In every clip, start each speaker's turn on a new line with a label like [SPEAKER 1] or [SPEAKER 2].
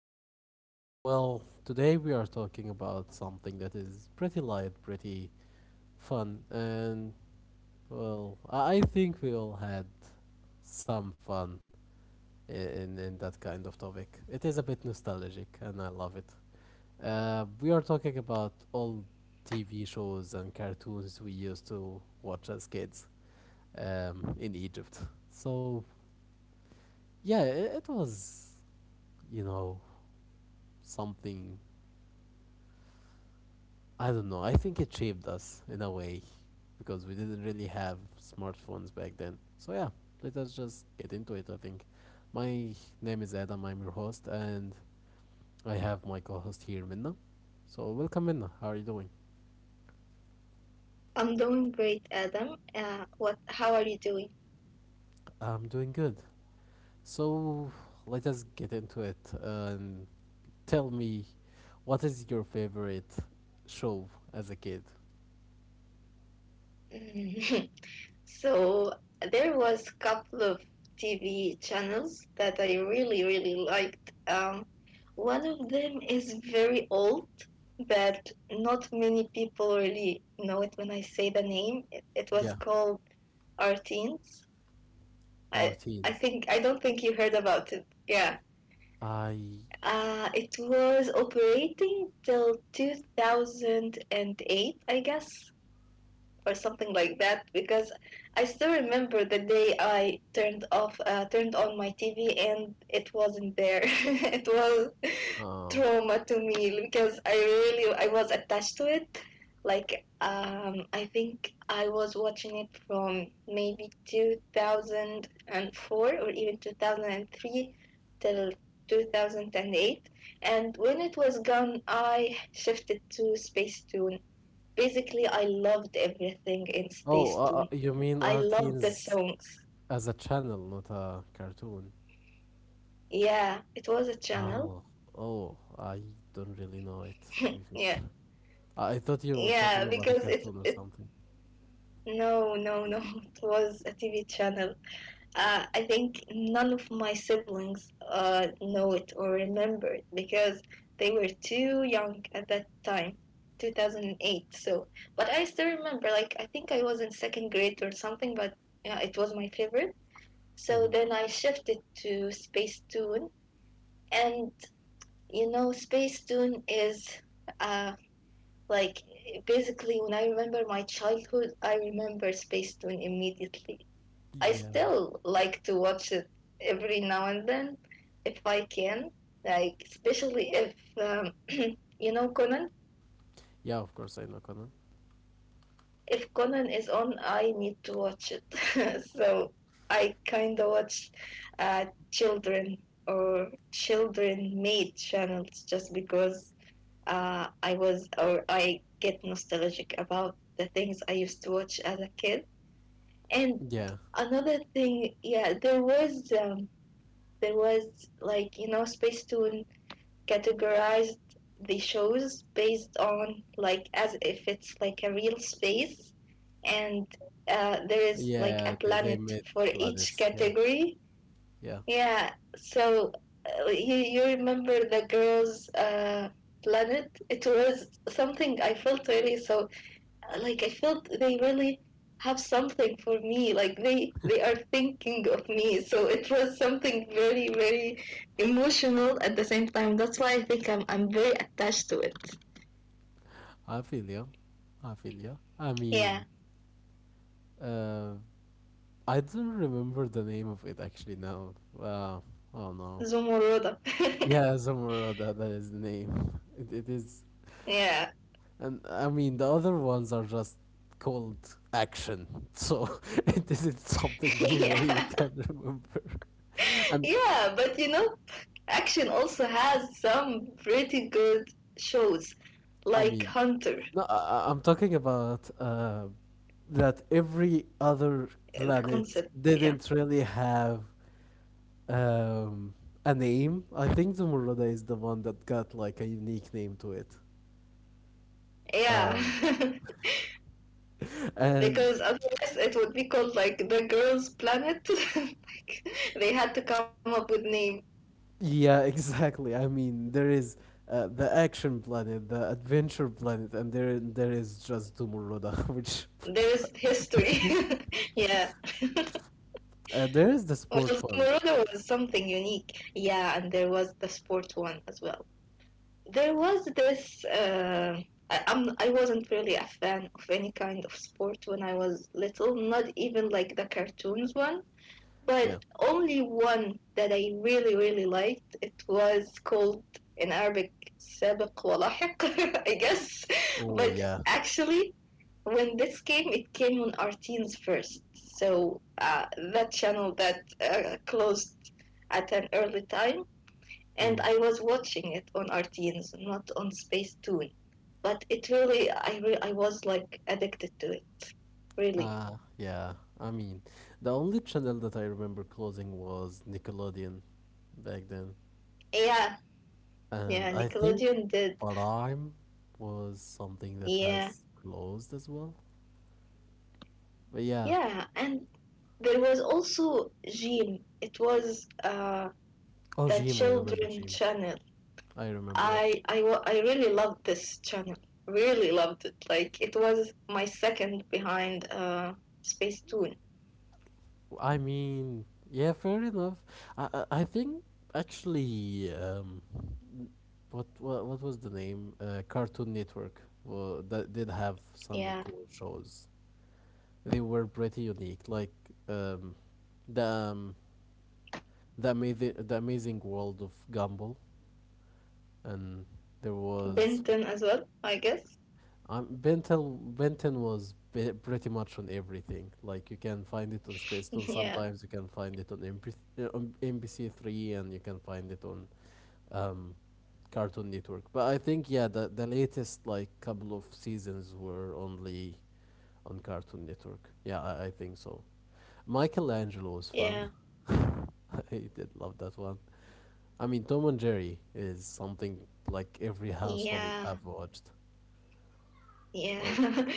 [SPEAKER 1] Um well, today we are talking about something that is pretty light, pretty fun, and well, I think we all had some fun in that kind of topic. It is a bit nostalgic and I love it. We are talking about old TV shows and cartoons we used to watch as kids in Egypt. So, yeah, it was you know something. I don't know. I think it shaped us in a way because we didn't really have smartphones back then. So yeah, let us just get into it. I think. My name is Adam. I'm your host, and I have my co-host here, Minna. So welcome, Minna. How are you doing?
[SPEAKER 2] I'm doing great, Adam. What? How are you doing?
[SPEAKER 1] I'm doing good. So let us get into it and tell me, what is your favorite show as a kid?
[SPEAKER 2] So there was a couple of TV channels that I really, really liked. Um, One of them is very old, but not many people really know it when I say the name. It was
[SPEAKER 1] Yeah,
[SPEAKER 2] called Arteens.
[SPEAKER 1] our
[SPEAKER 2] I, I
[SPEAKER 1] teens.
[SPEAKER 2] think I don't think you heard about it. Yeah.
[SPEAKER 1] I
[SPEAKER 2] It was operating till 2008, I guess. Or something like that because I still remember the day I turned on my TV and it wasn't there. It was
[SPEAKER 1] uh
[SPEAKER 2] trauma to me because I was attached to it. Like I think I was watching it from maybe 2004 or even 2003 till 2008, and when it was gone I shifted to Space Tune. Basically, I loved everything in
[SPEAKER 1] Oh,
[SPEAKER 2] Space Tune.
[SPEAKER 1] you mean
[SPEAKER 2] I loved the
[SPEAKER 1] RTN's
[SPEAKER 2] songs.
[SPEAKER 1] as a channel, not a cartoon?
[SPEAKER 2] Yeah, it was a channel.
[SPEAKER 1] Oh, oh, I don't really know it, to be
[SPEAKER 2] Yeah,
[SPEAKER 1] fair. I thought you were
[SPEAKER 2] yeah,
[SPEAKER 1] talking
[SPEAKER 2] because
[SPEAKER 1] about a
[SPEAKER 2] it it
[SPEAKER 1] cartoon or something.
[SPEAKER 2] no it was a TV channel. I think none of my siblings know it or remember it because they were too young at that time. 2008. So but I still remember, like, I think I was in second grade or something. But yeah, it was my favorite. So
[SPEAKER 1] Hmm.
[SPEAKER 2] then I shifted to Spacetoon, and you know, Spacetoon is, uh, like basically when I remember my childhood, I remember Spacetoon immediately. I
[SPEAKER 1] Yeah,
[SPEAKER 2] still like to watch it every now and then if I can, like especially if you know Conan.
[SPEAKER 1] yeah, of course I know Conan.
[SPEAKER 2] If Conan is on, I need to watch it. So I kind of watch children made channels just because I was or I get nostalgic about the things I used to watch as a kid. And
[SPEAKER 1] Yeah,
[SPEAKER 2] another thing, yeah, there was like, you know, Space Tune categorized the shows based on, like, as if it's like a real space, and there is like a
[SPEAKER 1] yeah, they
[SPEAKER 2] planet
[SPEAKER 1] made
[SPEAKER 2] for each
[SPEAKER 1] planets. Yeah,
[SPEAKER 2] category.
[SPEAKER 1] yeah.
[SPEAKER 2] Yeah, so you remember the girls' planet? It was something, I felt really so like I felt they really have something for me. Like they are thinking of me. So it was something very, very emotional at the same time. That's why I think I'm very attached to it.
[SPEAKER 1] I feel you. I feel you. I
[SPEAKER 2] Yeah.
[SPEAKER 1] mean, uh, I don't remember the name of it actually now. Oh no.
[SPEAKER 2] Zumurada.
[SPEAKER 1] Yeah, somewhere, that is the name. It is.
[SPEAKER 2] Yeah.
[SPEAKER 1] And I mean, the other ones are just called action, so it isn't something you really
[SPEAKER 2] yeah,
[SPEAKER 1] can remember. And
[SPEAKER 2] yeah, but you know, Action also has some pretty good shows
[SPEAKER 1] I
[SPEAKER 2] like
[SPEAKER 1] mean,
[SPEAKER 2] Hunter.
[SPEAKER 1] no, I'm talking about that every other
[SPEAKER 2] The
[SPEAKER 1] planet
[SPEAKER 2] concept,
[SPEAKER 1] didn't
[SPEAKER 2] yeah,
[SPEAKER 1] really have um, a name. I think Zumurruda is the one that got like a unique name to it. Um,
[SPEAKER 2] yeah.
[SPEAKER 1] and
[SPEAKER 2] because otherwise it would be called like the girls' planet. like they had to come up with name.
[SPEAKER 1] Yeah, exactly. I mean, there is the action planet, the adventure planet, and there is just Tomorroda, which
[SPEAKER 2] There's history. yeah.
[SPEAKER 1] there is the
[SPEAKER 2] Well,
[SPEAKER 1] sport one.
[SPEAKER 2] Zumuruga was something unique. Yeah, and there was the sport one as well. There was this. I wasn't really a fan of any kind of sport when I was little. Not even like the cartoons one. But
[SPEAKER 1] Yeah.
[SPEAKER 2] only one that I really really liked. It was called in Arabic سابق ولاحق, I guess, but
[SPEAKER 1] Oh yeah.
[SPEAKER 2] actually when this came, it came on Arteens first. That channel that closed at an early time, and
[SPEAKER 1] Mm.
[SPEAKER 2] I was watching it on Arteens, not on Space Tune. But it really, I was like addicted to it,
[SPEAKER 1] Uh
[SPEAKER 2] really.
[SPEAKER 1] yeah. I mean, the only channel that I remember closing was Nickelodeon back then,
[SPEAKER 2] Yeah,
[SPEAKER 1] and
[SPEAKER 2] yeah.
[SPEAKER 1] I think
[SPEAKER 2] Nickelodeon did.
[SPEAKER 1] Prime was something that has
[SPEAKER 2] Yeah.
[SPEAKER 1] closed as well. But yeah.
[SPEAKER 2] Yeah, and there was also Jean. It was,
[SPEAKER 1] Oh,
[SPEAKER 2] the children
[SPEAKER 1] Jim.
[SPEAKER 2] channel.
[SPEAKER 1] I remember it.
[SPEAKER 2] I really loved this channel. Really loved it. Like it was my second behind Space Tune.
[SPEAKER 1] I mean, yeah, fair enough. I think actually, what was the name? Cartoon Network. Well, that did have some
[SPEAKER 2] Yeah,
[SPEAKER 1] cool shows. They were pretty unique, like um, the um, the amazing world of Gumball, and there was
[SPEAKER 2] Benton as well. I guess.
[SPEAKER 1] Benton was pretty much on everything. Like you can find it on Spacetoon
[SPEAKER 2] yeah,
[SPEAKER 1] sometimes, you can find it on NBC 3, and you can find it on um, Cartoon Network. But I think, yeah, the latest like couple of seasons were only on Cartoon Network. Yeah, I think so. Michelangelo was fun.
[SPEAKER 2] yeah,
[SPEAKER 1] I did love that one. I mean, Tom and Jerry is something like every household
[SPEAKER 2] yeah,
[SPEAKER 1] have watched.
[SPEAKER 2] yeah.
[SPEAKER 1] Like,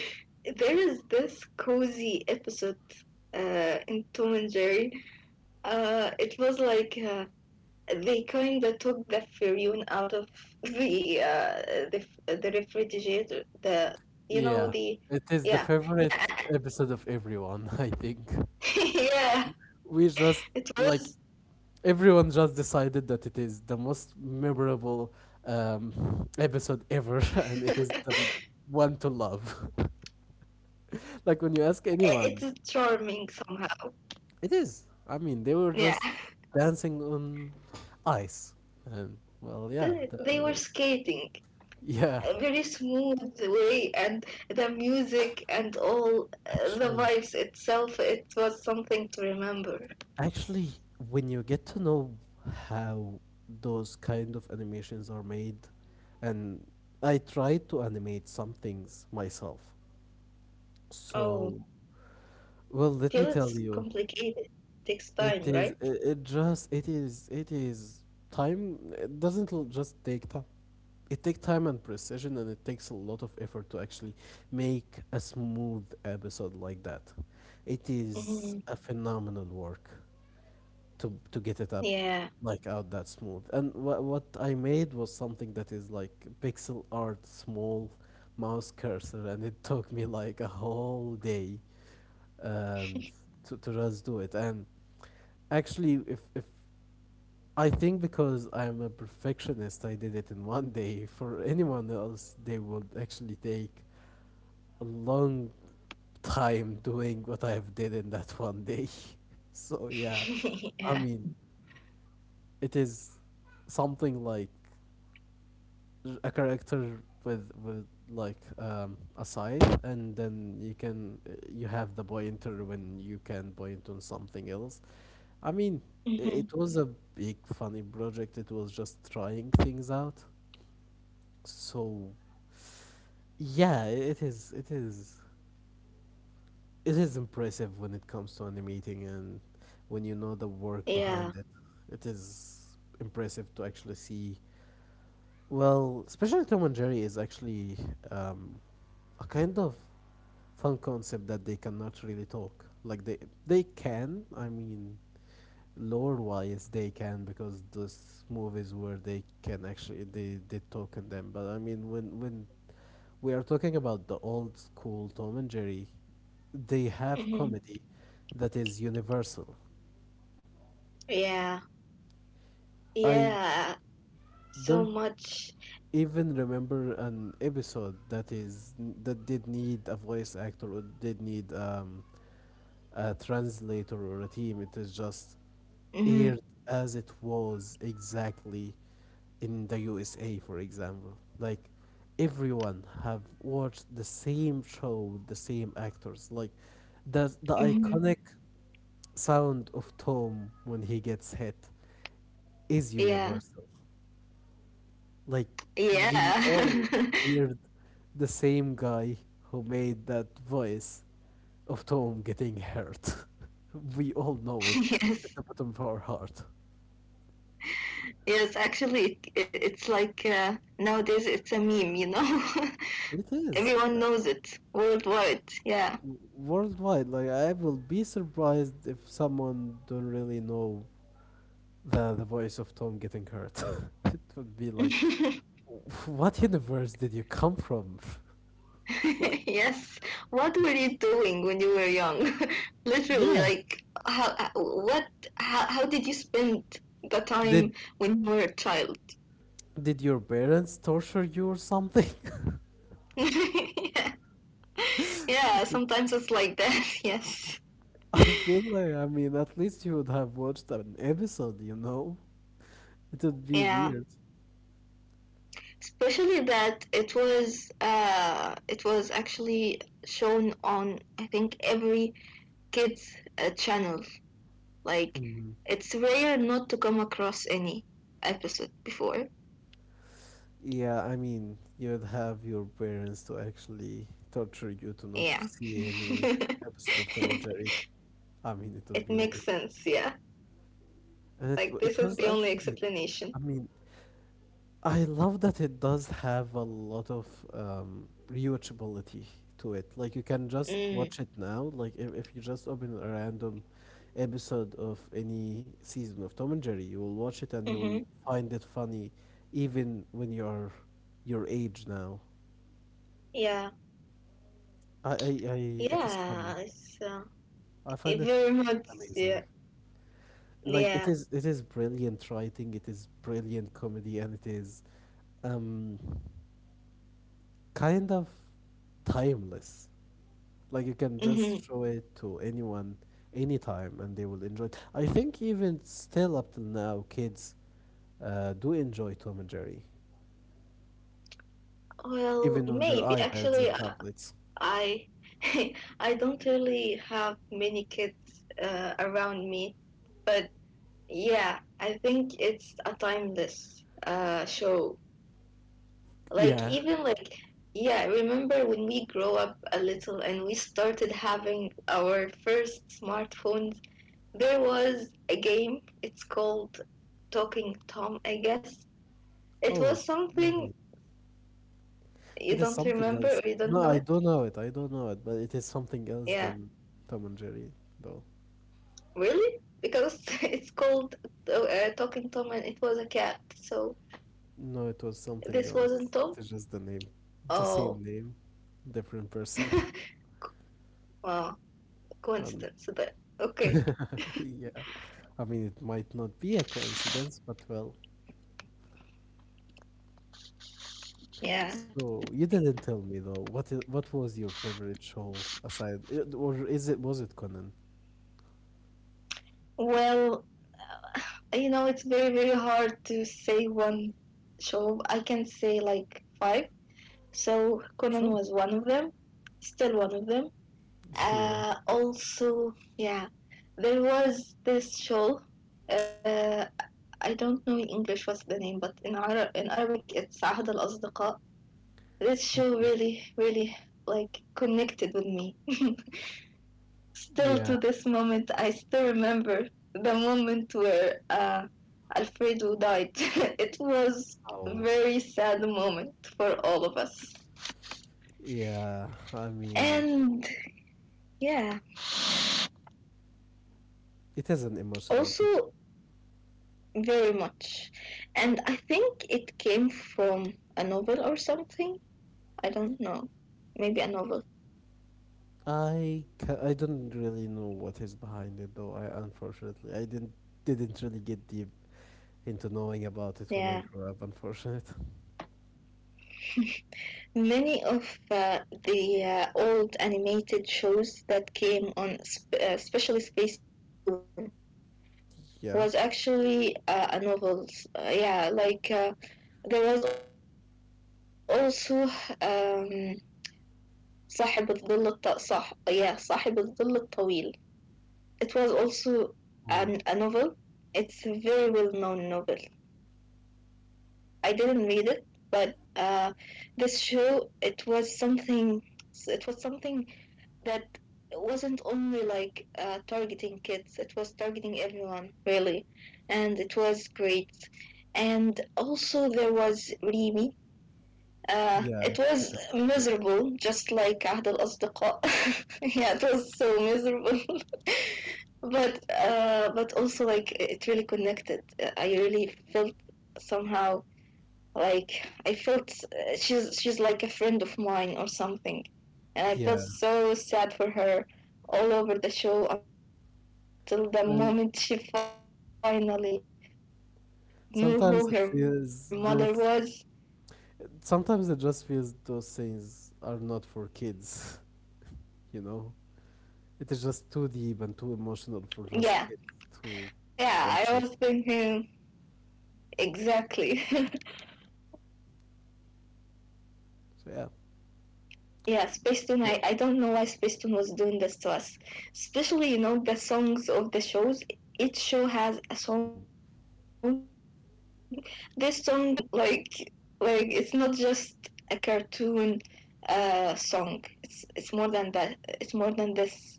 [SPEAKER 2] there is this cozy episode in Tom and Jerry. It was like. They kind of took the furune out of the refrigerator. The you know
[SPEAKER 1] yeah,
[SPEAKER 2] the
[SPEAKER 1] it is the
[SPEAKER 2] yeah
[SPEAKER 1] favorite episode of everyone. I think
[SPEAKER 2] yeah
[SPEAKER 1] we just
[SPEAKER 2] it
[SPEAKER 1] like
[SPEAKER 2] was
[SPEAKER 1] everyone just decided that it is the most memorable episode ever, and it is the one to love. Like when you ask
[SPEAKER 2] it's
[SPEAKER 1] anyone,
[SPEAKER 2] charming somehow.
[SPEAKER 1] it is. I mean, they were
[SPEAKER 2] Yeah.
[SPEAKER 1] just dancing on ice, and well, yeah,
[SPEAKER 2] The- they were skating
[SPEAKER 1] yeah.
[SPEAKER 2] a very smooth way, and the music and all the
[SPEAKER 1] Actually,
[SPEAKER 2] vibes itself. It was something to remember.
[SPEAKER 1] actually, when you get to know how those kind of animations are made, and I try to animate some things myself,
[SPEAKER 2] Oh,
[SPEAKER 1] so, well, let me
[SPEAKER 2] feel
[SPEAKER 1] tell
[SPEAKER 2] it's
[SPEAKER 1] you,
[SPEAKER 2] complicated. Takes time, right?
[SPEAKER 1] it is time. It doesn't just take time. It takes time and precision, and it takes a lot of effort to actually make a smooth episode like that. It is
[SPEAKER 2] Hmm.
[SPEAKER 1] a phenomenal work to get it up
[SPEAKER 2] Yeah.
[SPEAKER 1] like out that smooth. And what I made was something that is like pixel art, small mouse cursor, and it took me like a whole day and to just do it. And actually, if I think, because I'm a perfectionist, I did it in 1 day. For anyone else, they would actually take a long time doing what I've did in that 1 day. So yeah, I
[SPEAKER 2] yeah.
[SPEAKER 1] mean, it is something like a character with like a side, and then you have the pointer when you can point on something else. I mean, i-
[SPEAKER 2] Hmm.
[SPEAKER 1] it was a big, funny project. It was just trying things out. So, yeah, it is. It is. It is impressive when it comes to animating and when you know the work behind
[SPEAKER 2] Yeah.
[SPEAKER 1] it. It is impressive to actually see. Well, especially Tom and Jerry is actually um, a kind of fun concept that they cannot really talk. Like they can. I mean, lore wise they can, because those movies where they can actually they did talk in them. But I mean, when we are talking about the old school Tom and Jerry, they have
[SPEAKER 2] Hmm.
[SPEAKER 1] comedy that is universal.
[SPEAKER 2] Yeah.
[SPEAKER 1] I
[SPEAKER 2] Yeah.
[SPEAKER 1] don't
[SPEAKER 2] So much.
[SPEAKER 1] even remember an episode that did need a voice actor or did need a translator or a team. It is just aired
[SPEAKER 2] Hmm.
[SPEAKER 1] as it was, exactly, in the USA, for example. Like everyone have watched the same show, with the same actors. Like the
[SPEAKER 2] Hmm.
[SPEAKER 1] iconic sound of Tom when he gets hit is
[SPEAKER 2] Yeah.
[SPEAKER 1] universal. Like we all
[SPEAKER 2] Yeah.
[SPEAKER 1] heard the same guy who made that voice of Tom getting hurt. We all know it at the
[SPEAKER 2] yes.
[SPEAKER 1] bottom of our heart.
[SPEAKER 2] Yes, actually, it, it's like nowadays it's a meme, you know?
[SPEAKER 1] It is
[SPEAKER 2] Everyone knows it worldwide. Yeah.
[SPEAKER 1] worldwide. Like I will be surprised if someone don't really know the voice of Tom getting hurt. It would be like, what universe did you come from? Like,
[SPEAKER 2] yes. What were you doing when you were young? Literally,
[SPEAKER 1] yeah.
[SPEAKER 2] like, how, uh, what, how, how did you spend the
[SPEAKER 1] Did
[SPEAKER 2] time when you were a child?
[SPEAKER 1] did your parents torture you or something?
[SPEAKER 2] Yeah, yeah, sometimes it's like that. Yes.
[SPEAKER 1] I feel like, I mean, at least you would have watched an episode, you know? It would be weird.
[SPEAKER 2] Yeah. Especially that it was actually shown on think every kids channel. Like
[SPEAKER 1] Mhm.
[SPEAKER 2] it's rare not to come across any episode before.
[SPEAKER 1] Yeah, I mean, you'd have your parents to actually torture you to not
[SPEAKER 2] Yeah.
[SPEAKER 1] see any episode of Tom and Jerry. I mean, it would
[SPEAKER 2] it
[SPEAKER 1] be
[SPEAKER 2] makes
[SPEAKER 1] weird.
[SPEAKER 2] sense, yeah.
[SPEAKER 1] And it, w-
[SPEAKER 2] Like
[SPEAKER 1] it
[SPEAKER 2] this is
[SPEAKER 1] was
[SPEAKER 2] the only
[SPEAKER 1] actually,
[SPEAKER 2] explanation.
[SPEAKER 1] I mean, I love that it does have a lot of rewatchability to it. Like you can just
[SPEAKER 2] Mm.
[SPEAKER 1] watch it now. Like if you just open a random episode of any season of Tom and Jerry, you will watch it and you will
[SPEAKER 2] Mhm.
[SPEAKER 1] find it funny, even when you are your age now.
[SPEAKER 2] Yeah.
[SPEAKER 1] I, I, I it is funny.
[SPEAKER 2] Yeah, it's uh,
[SPEAKER 1] I find
[SPEAKER 2] it
[SPEAKER 1] it
[SPEAKER 2] very much
[SPEAKER 1] amazing.
[SPEAKER 2] yeah.
[SPEAKER 1] Like it
[SPEAKER 2] Yeah.
[SPEAKER 1] is it is brilliant writing. It is brilliant comedy, and it is um, kind of timeless. Like you can just
[SPEAKER 2] Hmm.
[SPEAKER 1] show it to anyone anytime and they will enjoy it. I think even still up till now, kids do enjoy Tom and Jerry,
[SPEAKER 2] Well,
[SPEAKER 1] even on their
[SPEAKER 2] maybe
[SPEAKER 1] iPads
[SPEAKER 2] actually,
[SPEAKER 1] and tablets.
[SPEAKER 2] I I don't really have many kids around me, but yeah, I think it's a timeless show. Like
[SPEAKER 1] Yeah.
[SPEAKER 2] even like yeah, remember when we grow up a little and we started having our first smartphones? There was a game. It's called Talking Tom, I guess. It
[SPEAKER 1] Oh,
[SPEAKER 2] was
[SPEAKER 1] I
[SPEAKER 2] something
[SPEAKER 1] mean,
[SPEAKER 2] you
[SPEAKER 1] it is
[SPEAKER 2] don't
[SPEAKER 1] something
[SPEAKER 2] remember
[SPEAKER 1] else.
[SPEAKER 2] or you don't
[SPEAKER 1] No,
[SPEAKER 2] know
[SPEAKER 1] I
[SPEAKER 2] it.
[SPEAKER 1] don't know it. I don't know it, but it is something else
[SPEAKER 2] Yeah.
[SPEAKER 1] than Tom and Jerry, though.
[SPEAKER 2] Really? Because it's called Talking Tom and it was a cat. So
[SPEAKER 1] No, it was
[SPEAKER 2] this
[SPEAKER 1] something
[SPEAKER 2] wasn't
[SPEAKER 1] else.
[SPEAKER 2] Tom?
[SPEAKER 1] It is just the name, the
[SPEAKER 2] Oh.
[SPEAKER 1] same name, different person.
[SPEAKER 2] wow.
[SPEAKER 1] And.
[SPEAKER 2] Coincidence then. Okay.
[SPEAKER 1] Yeah, I mean, it might not be a coincidence, but well.
[SPEAKER 2] Yeah.
[SPEAKER 1] So you didn't tell me, though. What was your favorite show, aside, or is it was it Conan?
[SPEAKER 2] Well, you know, it's very, very hard to say one show. I can say like five. So Conan
[SPEAKER 1] Sure.
[SPEAKER 2] was one of them. Still one of them.
[SPEAKER 1] Yeah.
[SPEAKER 2] Also, yeah. There was this show, uh, I don't know in English what's the name, but in Arabic it's عهد الأصدقاء. This show
[SPEAKER 1] Oh.
[SPEAKER 2] really, really like connected with me. still to
[SPEAKER 1] Yeah.
[SPEAKER 2] this moment, I still remember the moment where Alfredo died. it was a
[SPEAKER 1] Oh.
[SPEAKER 2] very sad moment for all of us.
[SPEAKER 1] Yeah. I mean,
[SPEAKER 2] And yeah,
[SPEAKER 1] it is an emotional show.
[SPEAKER 2] also very much. And I think it came from a novel or something. I don't know. Maybe a novel.
[SPEAKER 1] I don't really know what is behind it, though. I unfortunately I didn't really get deep into knowing about it
[SPEAKER 2] Yeah.
[SPEAKER 1] when I grew up. Unfortunately.
[SPEAKER 2] Many of the old animated shows that came on, especially Toon, was actually
[SPEAKER 1] Yeah.
[SPEAKER 2] a novels. Yeah, there was also um, صاحب الظل الطويل. It was also a novel. It's a very
[SPEAKER 1] Oh.
[SPEAKER 2] well known novel. I didn't read it, but this show it was something. It was something that wasn't only like targeting kids, it was targeting everyone, really. And it was great. And also, there was Rimi. It was miserable,
[SPEAKER 1] Yeah.
[SPEAKER 2] just like عهد الأصدقاء. yeah, it was so miserable, but also like it really connected. I really felt somehow like I felt she's like a friend of mine or something and I felt
[SPEAKER 1] Yeah,
[SPEAKER 2] so sad for her all over the show until the moment she
[SPEAKER 1] I mean,
[SPEAKER 2] finally knew who her mother was, and actually
[SPEAKER 1] sometimes it
[SPEAKER 2] her
[SPEAKER 1] feels
[SPEAKER 2] real
[SPEAKER 1] those.
[SPEAKER 2] family.
[SPEAKER 1] Sometimes it just feels those things are not for kids. You know, it is just too deep and too emotional for just
[SPEAKER 2] Yeah,
[SPEAKER 1] kids to
[SPEAKER 2] yeah,
[SPEAKER 1] watch
[SPEAKER 2] I
[SPEAKER 1] it.
[SPEAKER 2] was thinking exactly. Yeah, Spacetoon,
[SPEAKER 1] So
[SPEAKER 2] I,
[SPEAKER 1] yeah, well,
[SPEAKER 2] I don't know why Spacetoon was doing this to us. Especially, you know, the songs of the shows. Each show has a song. This song is very Like, it's even like it's not just a cartoon song. It's more than that. It's more than this.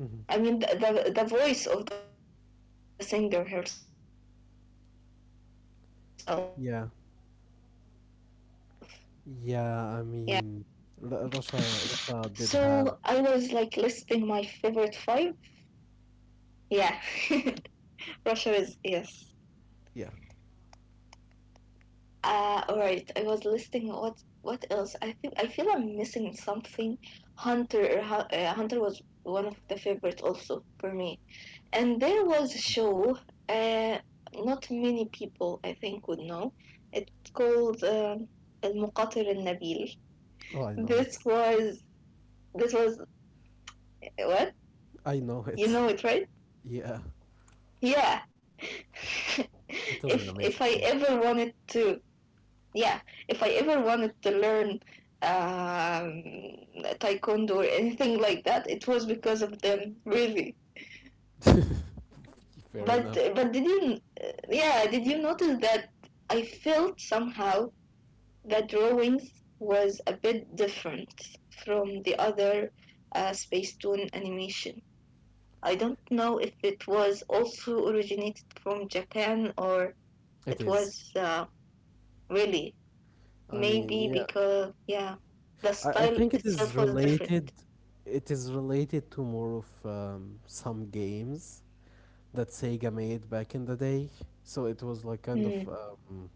[SPEAKER 1] mhm.
[SPEAKER 2] I mean, the voice of the singer herself. Yeah, it, it's really, it can
[SPEAKER 1] Yeah,
[SPEAKER 2] touch you somehow.
[SPEAKER 1] yeah. I mean,
[SPEAKER 2] So I
[SPEAKER 1] Russia,
[SPEAKER 2] was
[SPEAKER 1] Russia
[SPEAKER 2] like
[SPEAKER 1] did have.
[SPEAKER 2] listing my favorite five. Yeah, Russia is yes.
[SPEAKER 1] Yeah.
[SPEAKER 2] All right. I was listing what else. I think I feel I'm missing something. Hunter, Hunter was one of the favorites also for me. And there was a show. Uh, Not many people I think would know. It's called المقاتل Nabil.
[SPEAKER 1] Oh, I know it.
[SPEAKER 2] This was this was what
[SPEAKER 1] I know
[SPEAKER 2] you
[SPEAKER 1] it.
[SPEAKER 2] know it right?
[SPEAKER 1] Yeah,
[SPEAKER 2] Yeah.
[SPEAKER 1] it was an
[SPEAKER 2] if
[SPEAKER 1] amazing
[SPEAKER 2] if I
[SPEAKER 1] show.
[SPEAKER 2] ever wanted to, yeah, if I ever wanted to learn um, taekwondo or anything like that, it was because of them, really.
[SPEAKER 1] Fair
[SPEAKER 2] But
[SPEAKER 1] enough.
[SPEAKER 2] did you, yeah, did you notice that I felt somehow that drawings was a bit different from the other Space Tune animation. I don't know if it was also originated from Japan or
[SPEAKER 1] It
[SPEAKER 2] it
[SPEAKER 1] is.
[SPEAKER 2] was really
[SPEAKER 1] I mean,
[SPEAKER 2] Maybe
[SPEAKER 1] yeah.
[SPEAKER 2] because, yeah, the
[SPEAKER 1] I
[SPEAKER 2] style
[SPEAKER 1] think it
[SPEAKER 2] itself
[SPEAKER 1] is
[SPEAKER 2] was
[SPEAKER 1] related
[SPEAKER 2] different.
[SPEAKER 1] it is related to more of some games that Sega made back in the day. So it was like
[SPEAKER 2] Mm.
[SPEAKER 1] um,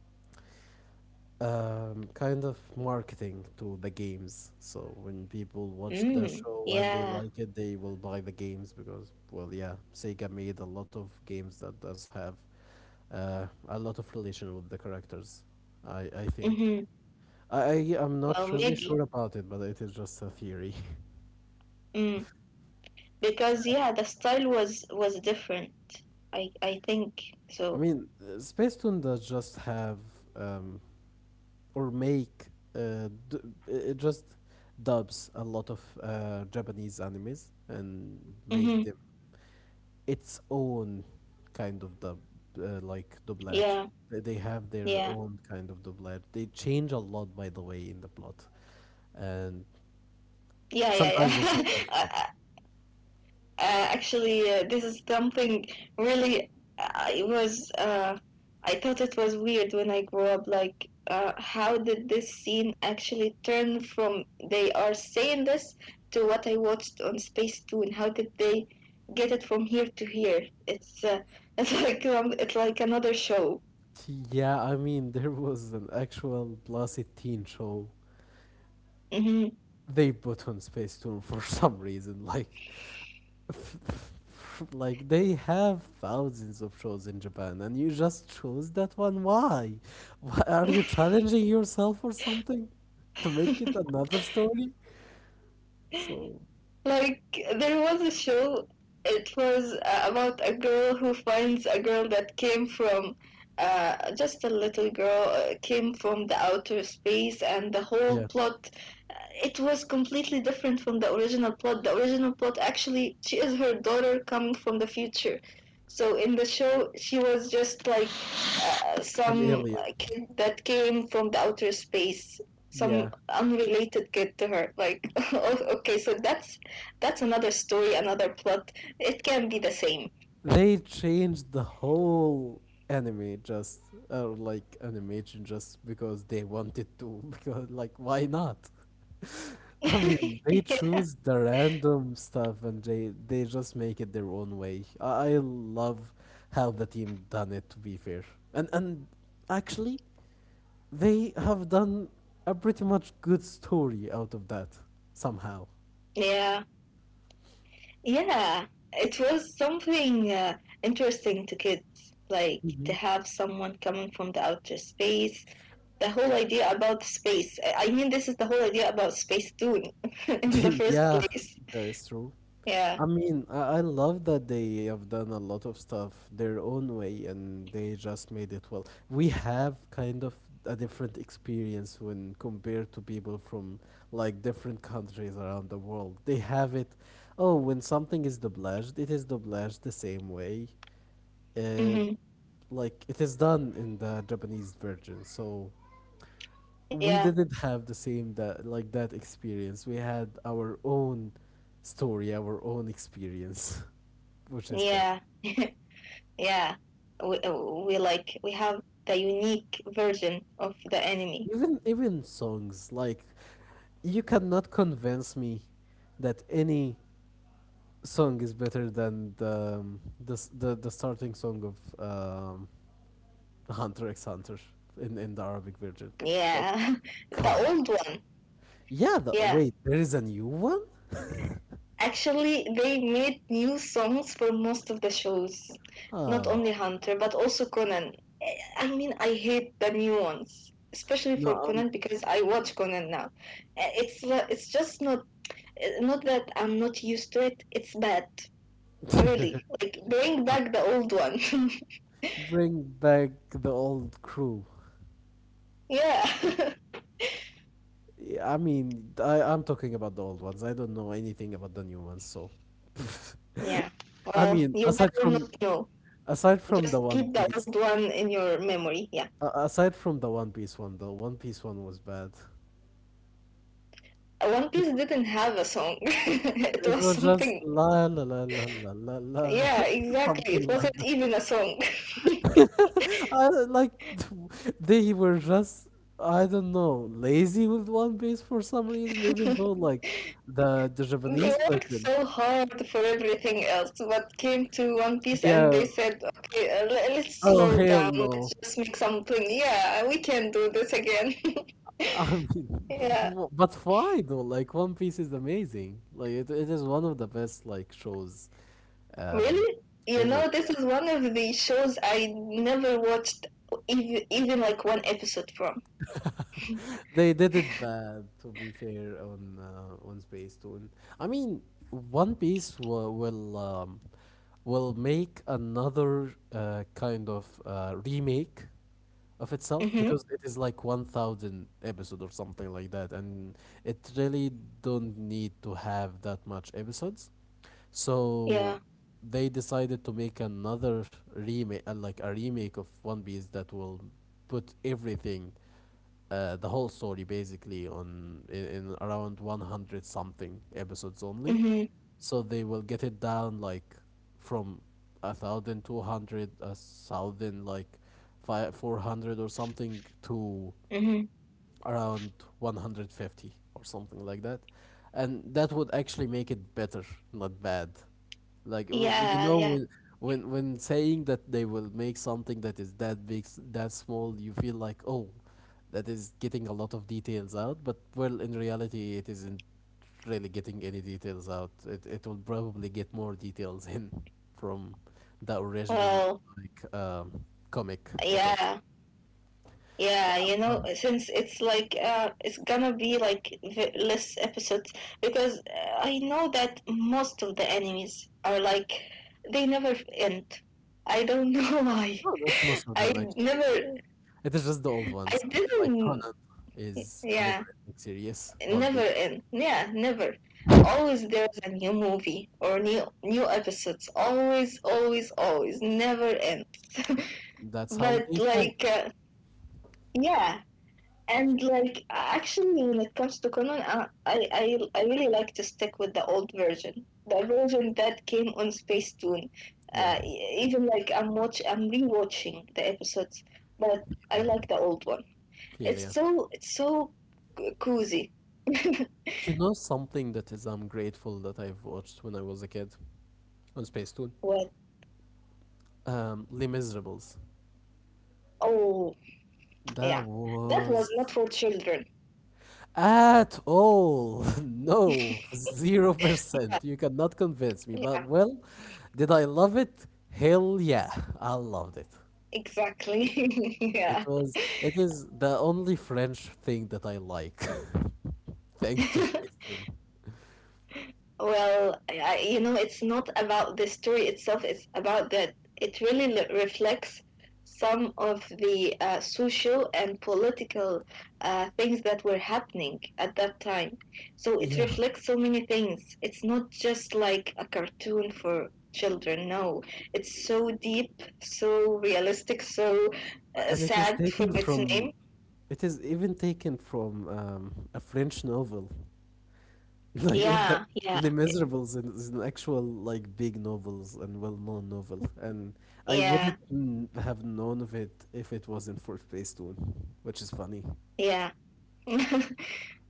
[SPEAKER 1] um, kind of marketing to the games. So when people watch the
[SPEAKER 2] Mm.
[SPEAKER 1] show and they
[SPEAKER 2] Yeah.
[SPEAKER 1] like it, they will buy the games because, well, yeah, Sega made a lot of games that does have a lot of relation with the characters. I think.
[SPEAKER 2] Mm-hmm.
[SPEAKER 1] I I am
[SPEAKER 2] Well,
[SPEAKER 1] not really
[SPEAKER 2] maybe.
[SPEAKER 1] sure about it, but it is just a theory.
[SPEAKER 2] Mm.
[SPEAKER 1] So,
[SPEAKER 2] Because yeah,
[SPEAKER 1] yeah.
[SPEAKER 2] the style was different. I think
[SPEAKER 1] I
[SPEAKER 2] so.
[SPEAKER 1] mean, Space Tune does just have um, or make d- just dubs a lot of Japanese animes and make
[SPEAKER 2] Mm-hmm.
[SPEAKER 1] them its own kind of dub, like doublage.
[SPEAKER 2] Yeah.
[SPEAKER 1] They have their
[SPEAKER 2] Yeah.
[SPEAKER 1] own kind of doublage. They change a lot, by the way, in the plot, and
[SPEAKER 2] Yeah. Yeah. Yeah.
[SPEAKER 1] sometimes and sometimes not.
[SPEAKER 2] I, this is something really. I was. I thought it was weird when I grew up. Like, how did this scene actually turn from they are saying this to what I watched on Space Two, and how did they it from here to here? It's it's it's like another show.
[SPEAKER 1] Yeah, I mean, there was an actual plus teen show
[SPEAKER 2] Hmm.
[SPEAKER 1] they put on Space Tour for some reason. Like, like they have thousands of shows in Japan and you just chose that one. Why? Why are you challenging yourself or something to make it another story? So,
[SPEAKER 2] Like there was a show. It was about a girl who finds a girl that came from just a little girl came from the outer space, and the whole
[SPEAKER 1] yeah,
[SPEAKER 2] plot it was completely different from the original plot. The original plot actually, she is her daughter coming from the future. So in the show, she was just like uh,
[SPEAKER 1] an
[SPEAKER 2] some
[SPEAKER 1] alien.
[SPEAKER 2] uh, kid that came from the outer space, some
[SPEAKER 1] Yeah.
[SPEAKER 2] unrelated kid to her. Like, okay, so that's another story, another plot. It can be the same.
[SPEAKER 1] They changed the whole anime, just or like animation, just because they wanted to, because like why not? I mean, they
[SPEAKER 2] yeah.
[SPEAKER 1] choose the random stuff and they just make it their own way. I love how the team done it, to be fair. And actually they have done a pretty much good story out of that somehow.
[SPEAKER 2] Yeah. Yeah, it was something interesting to kids, like to have someone coming from the outer space. The whole idea about space. I mean, this is the whole idea about space too, in the first
[SPEAKER 1] Yeah,
[SPEAKER 2] place.
[SPEAKER 1] that is true.
[SPEAKER 2] Yeah.
[SPEAKER 1] I mean, I love that they have done a lot of stuff their own way and they just made it well. We have kind of a different experience when compared to people from like different countries around the world. They have it, oh, when something is dublaged, it is dublaged the same way. Uh,
[SPEAKER 2] Hmm.
[SPEAKER 1] like it is done in the Japanese version. So we
[SPEAKER 2] Yeah.
[SPEAKER 1] didn't have the same, that like that experience. We had our own story, our own experience, which is fun.
[SPEAKER 2] Yeah. yeah. We, we like we have the unique version of the enemy.
[SPEAKER 1] Even songs, like you cannot convince me that any song is better than the starting song of um, Hunter x Hunter in the Arabic version. Like,
[SPEAKER 2] Yeah,
[SPEAKER 1] come
[SPEAKER 2] the
[SPEAKER 1] on.
[SPEAKER 2] old one.
[SPEAKER 1] Yeah, the,
[SPEAKER 2] Yeah.
[SPEAKER 1] wait, there is a new one.
[SPEAKER 2] Actually, they made new songs for most of the shows. Not only
[SPEAKER 1] Oh
[SPEAKER 2] Hunter, but also Conan. I mean, I hate the new ones, especially for
[SPEAKER 1] no,
[SPEAKER 2] Conan because I watch Conan now. Eh, It's it's just not, not that I'm not used to it. It's bad,
[SPEAKER 1] um,
[SPEAKER 2] really. Like bring back the old one.
[SPEAKER 1] bring back the old crew.
[SPEAKER 2] yeah,
[SPEAKER 1] I mean, I'm talking about the old ones. I don't know anything about the new ones, so.
[SPEAKER 2] yeah.
[SPEAKER 1] I
[SPEAKER 2] Well,
[SPEAKER 1] mean,
[SPEAKER 2] you better not know.
[SPEAKER 1] aside from the
[SPEAKER 2] Just
[SPEAKER 1] One
[SPEAKER 2] keep the
[SPEAKER 1] Piece,
[SPEAKER 2] old one in your memory. Yeah.
[SPEAKER 1] aside from the One Piece one, the One Piece one was bad.
[SPEAKER 2] One
[SPEAKER 1] It
[SPEAKER 2] Piece didn't have a song. it
[SPEAKER 1] it
[SPEAKER 2] was
[SPEAKER 1] was just
[SPEAKER 2] something.
[SPEAKER 1] la la la la la la la,
[SPEAKER 2] Yeah, exactly. It
[SPEAKER 1] something like
[SPEAKER 2] wasn't even a song.
[SPEAKER 1] I, like they were just, I don't know, lazy with One Piece for some reason, even though like the
[SPEAKER 2] they
[SPEAKER 1] Japanese
[SPEAKER 2] worked
[SPEAKER 1] version.
[SPEAKER 2] so hard for everything else, but came to One Piece and
[SPEAKER 1] Yeah.
[SPEAKER 2] they said, okay, let's
[SPEAKER 1] Oh
[SPEAKER 2] slow
[SPEAKER 1] hell
[SPEAKER 2] down,
[SPEAKER 1] no.
[SPEAKER 2] let's just make something. Yeah, we can do this again.
[SPEAKER 1] I mean,
[SPEAKER 2] yeah,
[SPEAKER 1] but why though? Like One Piece is amazing. Like it is one of the best like shows, um,
[SPEAKER 2] really? You know,
[SPEAKER 1] ever.
[SPEAKER 2] this
[SPEAKER 1] Yeah,
[SPEAKER 2] is one of the shows I never watched even, like one episode from.
[SPEAKER 1] they did it bad to be fair on Space Tune. I mean, One Piece will will make another kind of remake of itself
[SPEAKER 2] Mm-hmm.
[SPEAKER 1] because it is like 1000 episode or something like that, and it really don't need to have that much episodes,
[SPEAKER 2] Yeah.
[SPEAKER 1] so they decided to make another remake, like a remake of One Piece that will put everything, the whole story basically on, in around 100 something episodes only,
[SPEAKER 2] Mm-hmm.
[SPEAKER 1] so they will get it down like from a thousand two hundred a thousand like five four hundred or something to
[SPEAKER 2] Mm-hmm.
[SPEAKER 1] around 150 or something like that, and that would actually make it better, not bad, like you
[SPEAKER 2] Yeah,
[SPEAKER 1] know,
[SPEAKER 2] yeah.
[SPEAKER 1] when when saying that they will make something that is that big, that small, you feel like oh, that is getting a lot of details out, but well in reality it isn't really getting any details out. It will probably get more details in from the original,
[SPEAKER 2] Well,
[SPEAKER 1] like um, comic of it.
[SPEAKER 2] yeah.
[SPEAKER 1] So
[SPEAKER 2] Yeah, since it's like it's gonna be like less episodes because I know that most of the enemies are like they never end. I don't know why.
[SPEAKER 1] no, not most of
[SPEAKER 2] I
[SPEAKER 1] them actually.
[SPEAKER 2] never.
[SPEAKER 1] It is just the old
[SPEAKER 2] I
[SPEAKER 1] ones. Like
[SPEAKER 2] didn't.
[SPEAKER 1] Conan is a never
[SPEAKER 2] Yeah,
[SPEAKER 1] ending series, One
[SPEAKER 2] never
[SPEAKER 1] Piece.
[SPEAKER 2] end. Yeah, never. Always there's a new movie or new episodes. Always, always, always. Never ends.
[SPEAKER 1] That's how
[SPEAKER 2] but
[SPEAKER 1] they sell.
[SPEAKER 2] like, yeah. And like actually, when it comes to Conan, I really like to stick with the old version, the version that came on Space Toon.
[SPEAKER 1] Yeah,
[SPEAKER 2] Even like I'm rewatching the episodes, but I
[SPEAKER 1] Philia.
[SPEAKER 2] like the old one. It's
[SPEAKER 1] Philia.
[SPEAKER 2] so it's so cozy.
[SPEAKER 1] You know something that is, I'm grateful that I've watched when I was a kid on Space Toon?
[SPEAKER 2] what?
[SPEAKER 1] Les Miserables.
[SPEAKER 2] Oh
[SPEAKER 1] That
[SPEAKER 2] yeah, that
[SPEAKER 1] was,
[SPEAKER 2] was not for children.
[SPEAKER 1] at all. No, zero
[SPEAKER 2] Yeah,
[SPEAKER 1] percent. You cannot convince me. But
[SPEAKER 2] yeah,
[SPEAKER 1] well, did I love it? Hell yeah, I loved it.
[SPEAKER 2] exactly.
[SPEAKER 1] It
[SPEAKER 2] yeah.
[SPEAKER 1] was it is the only French thing that I like, thanks to Space Tune.
[SPEAKER 2] Well, it's not about the story itself, it's about that it really reflects some of the social and political things that were happening at that time. So it
[SPEAKER 1] Yeah,
[SPEAKER 2] reflects so many things. It's not just like a cartoon for children, no. It's so deep, so realistic, so
[SPEAKER 1] and
[SPEAKER 2] sad from its name.
[SPEAKER 1] it is even taken from a French novel. Like it, the
[SPEAKER 2] Yeah, yeah,
[SPEAKER 1] Les Miserables is an actual like big novels and well-known novel, and I wouldn't
[SPEAKER 2] yeah,
[SPEAKER 1] have known of it if it wasn't for Space Tune, which is funny.
[SPEAKER 2] yeah.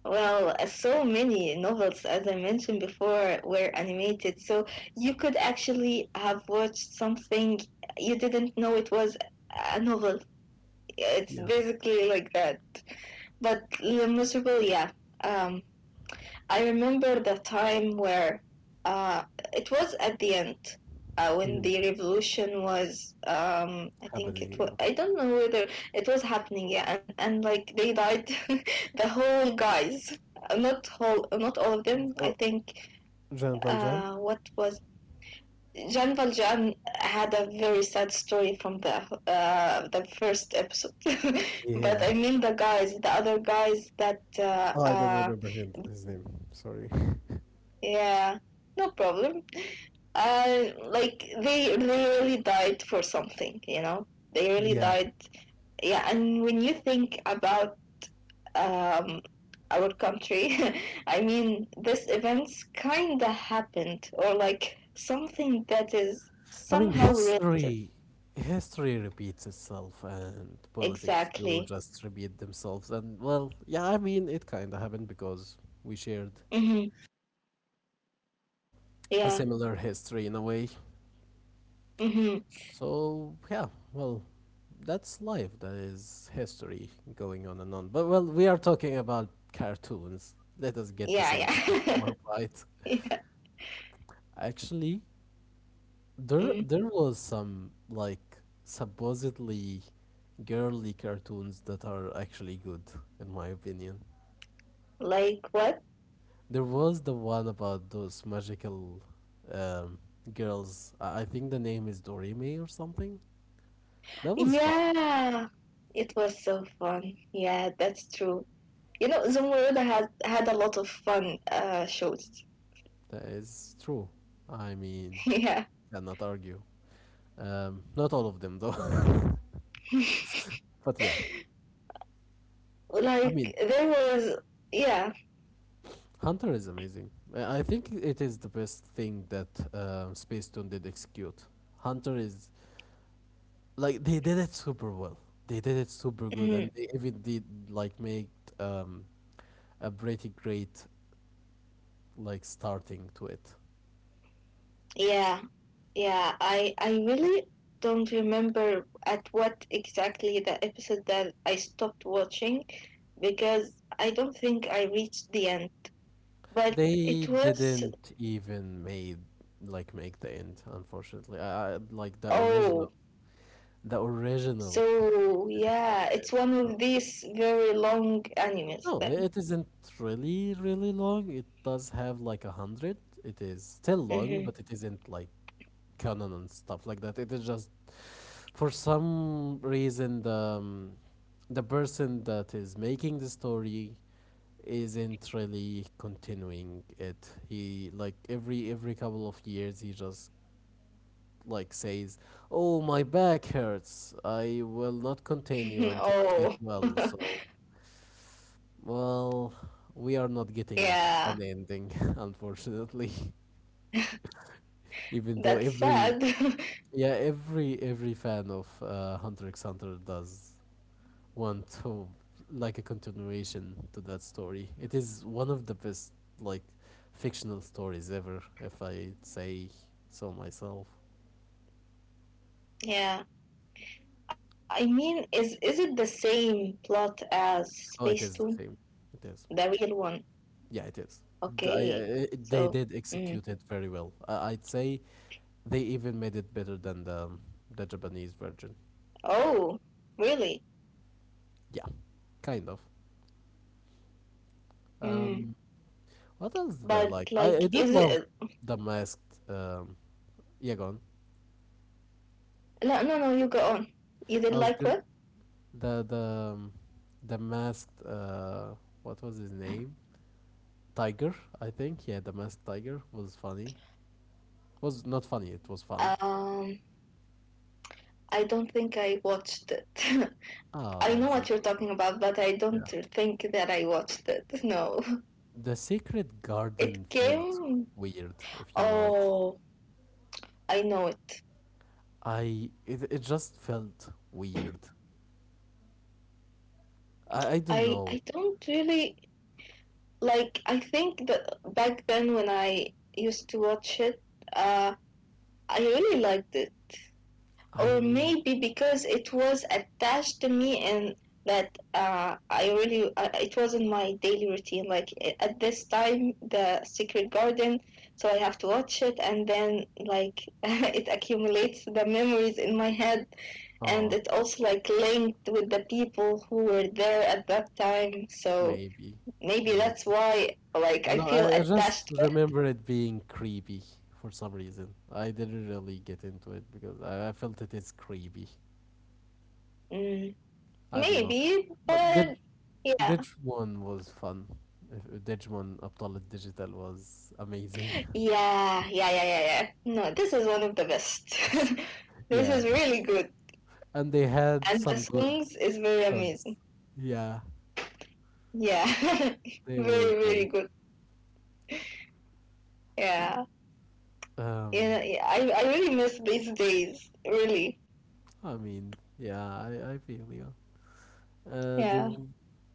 [SPEAKER 2] Well, so many novels, as I mentioned before, were animated. So you could actually have watched something you didn't know it was a novel. It's
[SPEAKER 1] Yeah.
[SPEAKER 2] basically like that. But Le Miserable, yeah. Um, I remember the time where uh, it was at the end when
[SPEAKER 1] Mm.
[SPEAKER 2] the revolution was. I think it
[SPEAKER 1] Happening,
[SPEAKER 2] was.
[SPEAKER 1] yeah.
[SPEAKER 2] I don't know whether it was happening. Yeah, and like they died, the whole guys. Not whole, not all of them. I
[SPEAKER 1] Oh,
[SPEAKER 2] think
[SPEAKER 1] Jean Valjean?
[SPEAKER 2] what was Jean Valjean had a very sad story from the first episode, but
[SPEAKER 1] Yeah.
[SPEAKER 2] I mean the guys, the other guys that
[SPEAKER 1] Oh, I don't remember him, his name. Sorry.
[SPEAKER 2] yeah, no problem. And like they really died for something. They really
[SPEAKER 1] Yeah.
[SPEAKER 2] died. Yeah, and when you think about um our country. I mean, this events kind of happened or like something that is
[SPEAKER 1] I mean,
[SPEAKER 2] somehow relative.
[SPEAKER 1] history repeats itself and politics do
[SPEAKER 2] Exactly.
[SPEAKER 1] just repeat themselves, and well, yeah, I mean, it kind of happened because we shared
[SPEAKER 2] Mm-hmm.
[SPEAKER 1] a
[SPEAKER 2] Yeah.
[SPEAKER 1] similar history in a way.
[SPEAKER 2] Mm-hmm.
[SPEAKER 1] So, yeah, well, that's life. That is history going on and on. But well, we are talking about cartoons. Let us get to
[SPEAKER 2] Yeah,
[SPEAKER 1] something that's
[SPEAKER 2] yeah.
[SPEAKER 1] more bright.
[SPEAKER 2] yeah.
[SPEAKER 1] Actually, There,
[SPEAKER 2] Mm.
[SPEAKER 1] there was some like supposedly girly cartoons that are actually good, in my opinion.
[SPEAKER 2] Like what?
[SPEAKER 1] There was the one about those magical um, girls. I think the name is Dorime or something. That was fun.
[SPEAKER 2] Yeah, it was so fun. Yeah, that's true. You know, Zamunda had a lot of fun shows.
[SPEAKER 1] That is true. I mean,
[SPEAKER 2] yeah,
[SPEAKER 1] cannot argue. Not all of them though. But yeah,
[SPEAKER 2] like
[SPEAKER 1] I mean,
[SPEAKER 2] there was. Yeah,
[SPEAKER 1] Hunter is amazing. I think it is the best thing that Space Tune did execute. Hunter is, like they did it super well. They did it super good, and
[SPEAKER 2] mhm.
[SPEAKER 1] they even did like make um, a pretty great like starting to it.
[SPEAKER 2] Yeah, yeah. I really don't remember at what exactly the episode that I stopped watching because I don't think I reached the end. But it
[SPEAKER 1] They
[SPEAKER 2] was.
[SPEAKER 1] didn't even made like make the end, unfortunately. I like
[SPEAKER 2] Oh,
[SPEAKER 1] the original thing
[SPEAKER 2] so
[SPEAKER 1] didn't have
[SPEAKER 2] yeah,
[SPEAKER 1] an end.
[SPEAKER 2] it's one of
[SPEAKER 1] So
[SPEAKER 2] these very long animes
[SPEAKER 1] no,
[SPEAKER 2] then.
[SPEAKER 1] it isn't really long. It does have like a hundred. It is still long,
[SPEAKER 2] Hmm.
[SPEAKER 1] but it isn't like canon and stuff like that. It is just, for some reason, the person that is making the story isn't really continuing it. He like every couple of years he just like says, "Oh, my back hurts. I will not continue until I get well."
[SPEAKER 2] oh,
[SPEAKER 1] So, well, we are not getting
[SPEAKER 2] yeah,
[SPEAKER 1] an ending, unfortunately. Even though
[SPEAKER 2] that's
[SPEAKER 1] every,
[SPEAKER 2] sad.
[SPEAKER 1] yeah, every fan of Hunter x Hunter does want to, like, a continuation to that story. It is one of the best like fictional stories ever, if I say so myself.
[SPEAKER 2] Yeah, I mean, is it the same plot as
[SPEAKER 1] Oh, it is
[SPEAKER 2] Spacetoon,
[SPEAKER 1] the same. It is.
[SPEAKER 2] the real one?
[SPEAKER 1] Yeah, it is.
[SPEAKER 2] Okay,
[SPEAKER 1] They
[SPEAKER 2] so,
[SPEAKER 1] did
[SPEAKER 2] mm.
[SPEAKER 1] execute it very well. I'd say they even made it better than the Japanese version.
[SPEAKER 2] Oh, really?
[SPEAKER 1] Yeah, kind of.
[SPEAKER 2] Mm.
[SPEAKER 1] Um, what else
[SPEAKER 2] But
[SPEAKER 1] did I like?
[SPEAKER 2] like, is
[SPEAKER 1] I did
[SPEAKER 2] it?
[SPEAKER 1] love the masked. Yeah, go on.
[SPEAKER 2] No, no, no. You go on. You did
[SPEAKER 1] I was
[SPEAKER 2] like
[SPEAKER 1] going
[SPEAKER 2] what?
[SPEAKER 1] the the um, the masked, uh, what was his name? Tiger, I think. Yeah, the masked tiger was funny. Was not funny, it was fun.
[SPEAKER 2] Um, I don't think I watched it.
[SPEAKER 1] Ah,
[SPEAKER 2] I
[SPEAKER 1] that
[SPEAKER 2] know
[SPEAKER 1] is
[SPEAKER 2] what you're
[SPEAKER 1] unfortunate.
[SPEAKER 2] talking about, but I don't think that I watched it. No,
[SPEAKER 1] The Secret Garden
[SPEAKER 2] it
[SPEAKER 1] felt
[SPEAKER 2] came.
[SPEAKER 1] weird, if you know it.
[SPEAKER 2] Oh, I know it.
[SPEAKER 1] I It it just felt weird. I don't
[SPEAKER 2] I
[SPEAKER 1] know.
[SPEAKER 2] don't really like I think that back then when I used to watch it, uh, I really liked it,
[SPEAKER 1] I
[SPEAKER 2] or
[SPEAKER 1] mean,
[SPEAKER 2] maybe because it was attached to me and that I really it wasn't my daily routine. Like at this time, the Secret Garden, so I have to watch it, and then like it accumulates the memories in my head, and
[SPEAKER 1] oh,
[SPEAKER 2] it also like linked with the people who were there at that time. So
[SPEAKER 1] maybe,
[SPEAKER 2] maybe
[SPEAKER 1] maybe.
[SPEAKER 2] that's why, like, I
[SPEAKER 1] No,
[SPEAKER 2] feel
[SPEAKER 1] I just
[SPEAKER 2] attached to it.
[SPEAKER 1] remember it being creepy for some reason. I didn't really get into it because I felt it is creepy.
[SPEAKER 2] Mm,
[SPEAKER 1] I don't know.
[SPEAKER 2] maybe,
[SPEAKER 1] But
[SPEAKER 2] but yeah.
[SPEAKER 1] Digimon was fun. Digimon Abdullah Digital was amazing.
[SPEAKER 2] Yeah, yeah, yeah, yeah, yeah. No, this is one of the best. this
[SPEAKER 1] Yeah.
[SPEAKER 2] is really good.
[SPEAKER 1] And they had
[SPEAKER 2] And the
[SPEAKER 1] some good
[SPEAKER 2] songs is very amazing.
[SPEAKER 1] songs. Yeah,
[SPEAKER 2] Yeah.
[SPEAKER 1] they were
[SPEAKER 2] very, very
[SPEAKER 1] great.
[SPEAKER 2] good. Yeah.
[SPEAKER 1] Um,
[SPEAKER 2] Yeah, yeah. I really miss these days. Really.
[SPEAKER 1] I mean, yeah, I feel you. Uh, there,
[SPEAKER 2] Yeah.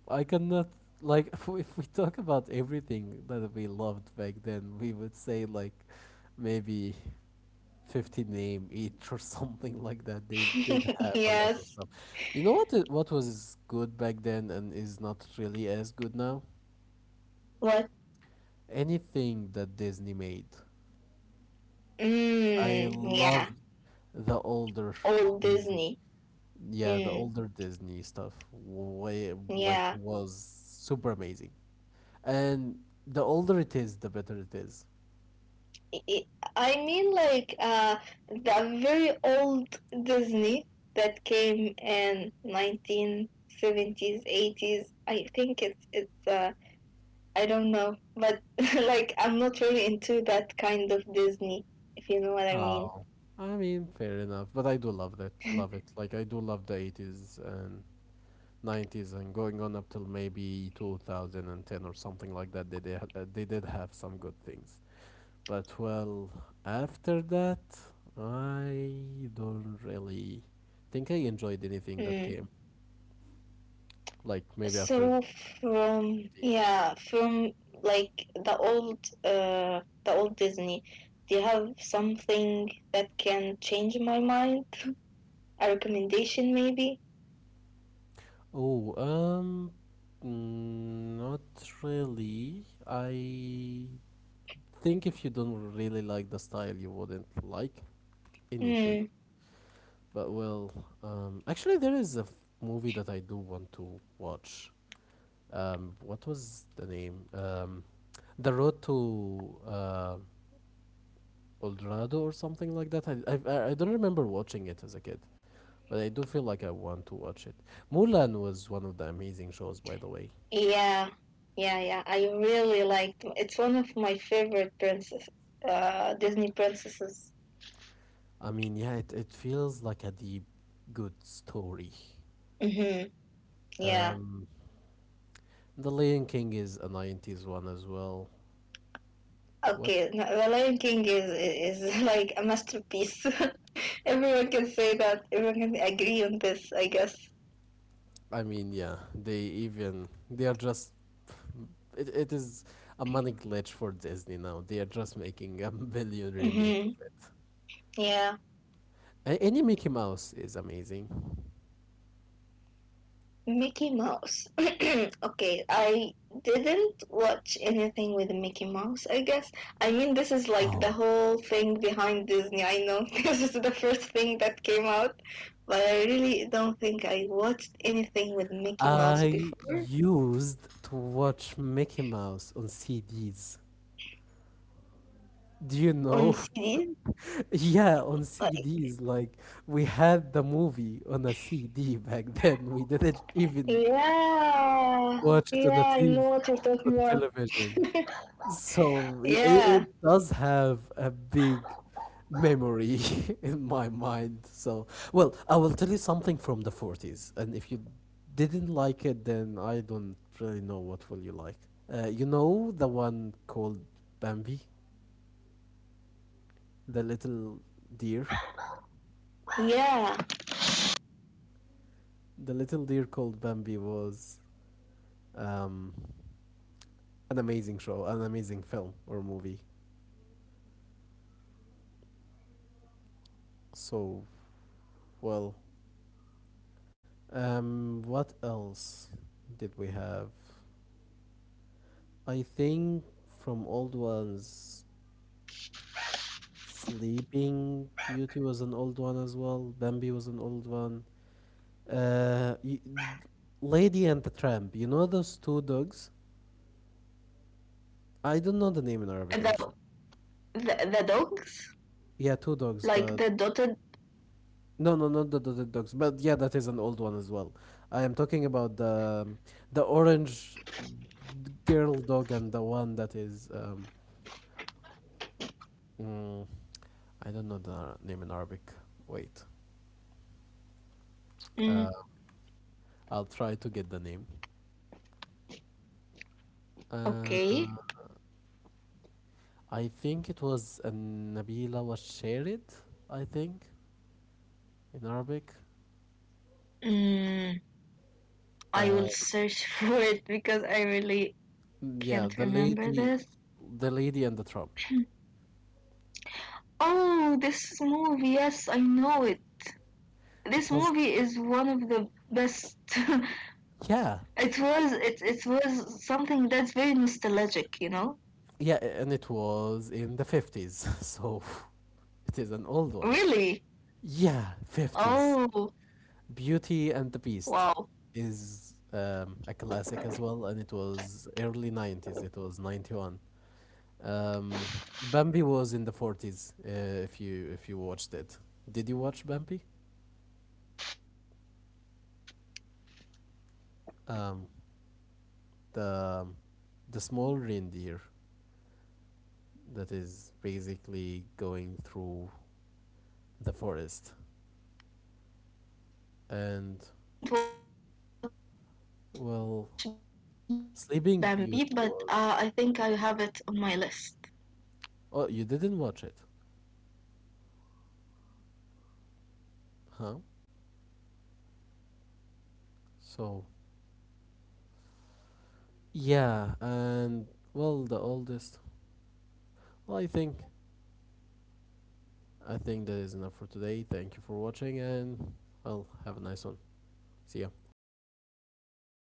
[SPEAKER 1] I cannot, like if if we talk about everything that we loved back then, we would say like maybe 50 name each or something like that. They did have a lot of
[SPEAKER 2] yes.
[SPEAKER 1] stuff. You know what what was good back then and is not really as good now?
[SPEAKER 2] What?
[SPEAKER 1] Anything that Disney made. I
[SPEAKER 2] Mm, yeah.
[SPEAKER 1] loved the older
[SPEAKER 2] Old
[SPEAKER 1] Disney.
[SPEAKER 2] Disney.
[SPEAKER 1] Yeah, the
[SPEAKER 2] Mm,
[SPEAKER 1] older Disney stuff way like
[SPEAKER 2] yeah.
[SPEAKER 1] was super amazing, and the older it is, the better it is.
[SPEAKER 2] I I mean, like the very old Disney that came in 1970s, 80s. I think it's I don't know, but like I'm not really into that kind of Disney, if you know what I mean.
[SPEAKER 1] Oh, I mean, fair enough, but I do love that, love it. Like I do love the 80s and 90s and going on up till maybe 2010 or something like that. They did have some good things, but well, after that, I don't really think I enjoyed anything that
[SPEAKER 2] Mm.
[SPEAKER 1] came. Like maybe after
[SPEAKER 2] So from,
[SPEAKER 1] 15.
[SPEAKER 2] yeah, from like the old Disney. Do you have something that can change my mind? A recommendation, maybe?
[SPEAKER 1] Oh, mm, not really. I think if you don't really like the style, you wouldn't like anything.
[SPEAKER 2] Hmm.
[SPEAKER 1] But well, actually, there is a movie that I do want to watch. What was the name? The Road to Eldorado or something like that. I don't remember watching it as a kid, but I do feel like I want to watch it. Mulan was one of the amazing shows, by the way.
[SPEAKER 2] Yeah, yeah, yeah. I really liked. It's one of my favorite princess, Disney princesses.
[SPEAKER 1] I mean, yeah, it feels like a deep, good story.
[SPEAKER 2] Hmm. Yeah.
[SPEAKER 1] Um, the Lion King is a 90s one as well. What,
[SPEAKER 2] Okay, no, The Lion King is like a masterpiece. Everyone can say that. Everyone can agree on this, I guess.
[SPEAKER 1] I mean, yeah, they even they are just, it is a money glitch for Disney now. They are just making a billion remake of
[SPEAKER 2] Hmm.
[SPEAKER 1] it.
[SPEAKER 2] Yeah.
[SPEAKER 1] Any Mickey Mouse is amazing.
[SPEAKER 2] Mickey Mouse. okay, I didn't watch anything with Mickey Mouse, I guess. I mean, this is like the
[SPEAKER 1] Oh,
[SPEAKER 2] whole thing behind Disney, I know. this is the first thing that came out. But I really don't think I watched anything with Mickey Mouse
[SPEAKER 1] I
[SPEAKER 2] before
[SPEAKER 1] used to watch Mickey Mouse on CDs. Do you
[SPEAKER 2] on
[SPEAKER 1] know?
[SPEAKER 2] CD.
[SPEAKER 1] Yeah, on
[SPEAKER 2] Like,
[SPEAKER 1] CDs. Like we had the movie on a CD back then. We didn't even
[SPEAKER 2] yeah,
[SPEAKER 1] watch it on a
[SPEAKER 2] yeah, I
[SPEAKER 1] TV,
[SPEAKER 2] know what you're talking
[SPEAKER 1] on
[SPEAKER 2] about.
[SPEAKER 1] television. So
[SPEAKER 2] Yeah,
[SPEAKER 1] it does have a big memory in my mind. So, well, I will tell you something from the 40s, and if you didn't like it, then I don't really know what will you like. You know the one called Bambi, the little deer.
[SPEAKER 2] yeah.
[SPEAKER 1] The little deer called Bambi was
[SPEAKER 2] Hmm.
[SPEAKER 1] um, an amazing show, an amazing film or movie.
[SPEAKER 2] Yeah, I think I know it.
[SPEAKER 1] So, well, what else did we have? I think from old ones, Sleeping Beauty was an old one as well. Bambi was an old one. Uh, y- Lady and the Tramp. You know those two dogs? I don't know the name in Arabic
[SPEAKER 2] The,
[SPEAKER 1] actually.
[SPEAKER 2] the dogs,
[SPEAKER 1] Yeah, two dogs.
[SPEAKER 2] like
[SPEAKER 1] The
[SPEAKER 2] the dotted.
[SPEAKER 1] no, no, not dogs. But yeah, that is an old one as well. I am talking about the orange girl dog and the one that is mm, I don't know the name in Arabic. Wait, uh,
[SPEAKER 2] Mm,
[SPEAKER 1] I'll try to get the name. Uh,
[SPEAKER 2] okay.
[SPEAKER 1] I think it was Nabila was shared, I think, in Arabic.
[SPEAKER 2] Mm, I
[SPEAKER 1] Uh,
[SPEAKER 2] will search for because I really can't
[SPEAKER 1] yeah,
[SPEAKER 2] remember this.
[SPEAKER 1] the lady and the Trump.
[SPEAKER 2] Oh, this movie. Yes, I know it.
[SPEAKER 1] It
[SPEAKER 2] This
[SPEAKER 1] was,
[SPEAKER 2] movie is one of the best.
[SPEAKER 1] yeah,
[SPEAKER 2] it
[SPEAKER 1] and-
[SPEAKER 2] was it it was something that's very nostalgic. You know.
[SPEAKER 1] yeah, and it was in the 50s, so it is an old one.
[SPEAKER 2] Really.
[SPEAKER 1] Yeah, 50s.
[SPEAKER 2] Oh
[SPEAKER 1] Beauty and the Beast
[SPEAKER 2] wow.
[SPEAKER 1] is a classic as well, and it was early 90s, it was 91. Bambi was in the 40s. If you watched it, did you watch Bambi?
[SPEAKER 2] I didn't watch
[SPEAKER 1] Um,
[SPEAKER 2] Bambi, but I think I
[SPEAKER 1] the
[SPEAKER 2] have
[SPEAKER 1] um,
[SPEAKER 2] it on my
[SPEAKER 1] the
[SPEAKER 2] list.
[SPEAKER 1] small reindeer that is basically going through the forest,
[SPEAKER 2] Hmm.
[SPEAKER 1] and well,
[SPEAKER 2] Yeah, I
[SPEAKER 1] Sleeping Beauty
[SPEAKER 2] kind of
[SPEAKER 1] was.
[SPEAKER 2] know about it, but I didn't really watch it.
[SPEAKER 1] Oh, you didn't watch it,
[SPEAKER 2] Hmm.
[SPEAKER 1] huh?
[SPEAKER 2] No,
[SPEAKER 1] So
[SPEAKER 2] yeah, I didn't.
[SPEAKER 1] yeah, and
[SPEAKER 2] Mm.
[SPEAKER 1] well, the oldest. Well, I think that is enough for today. Thank you for watching, and well, have a nice one. See ya.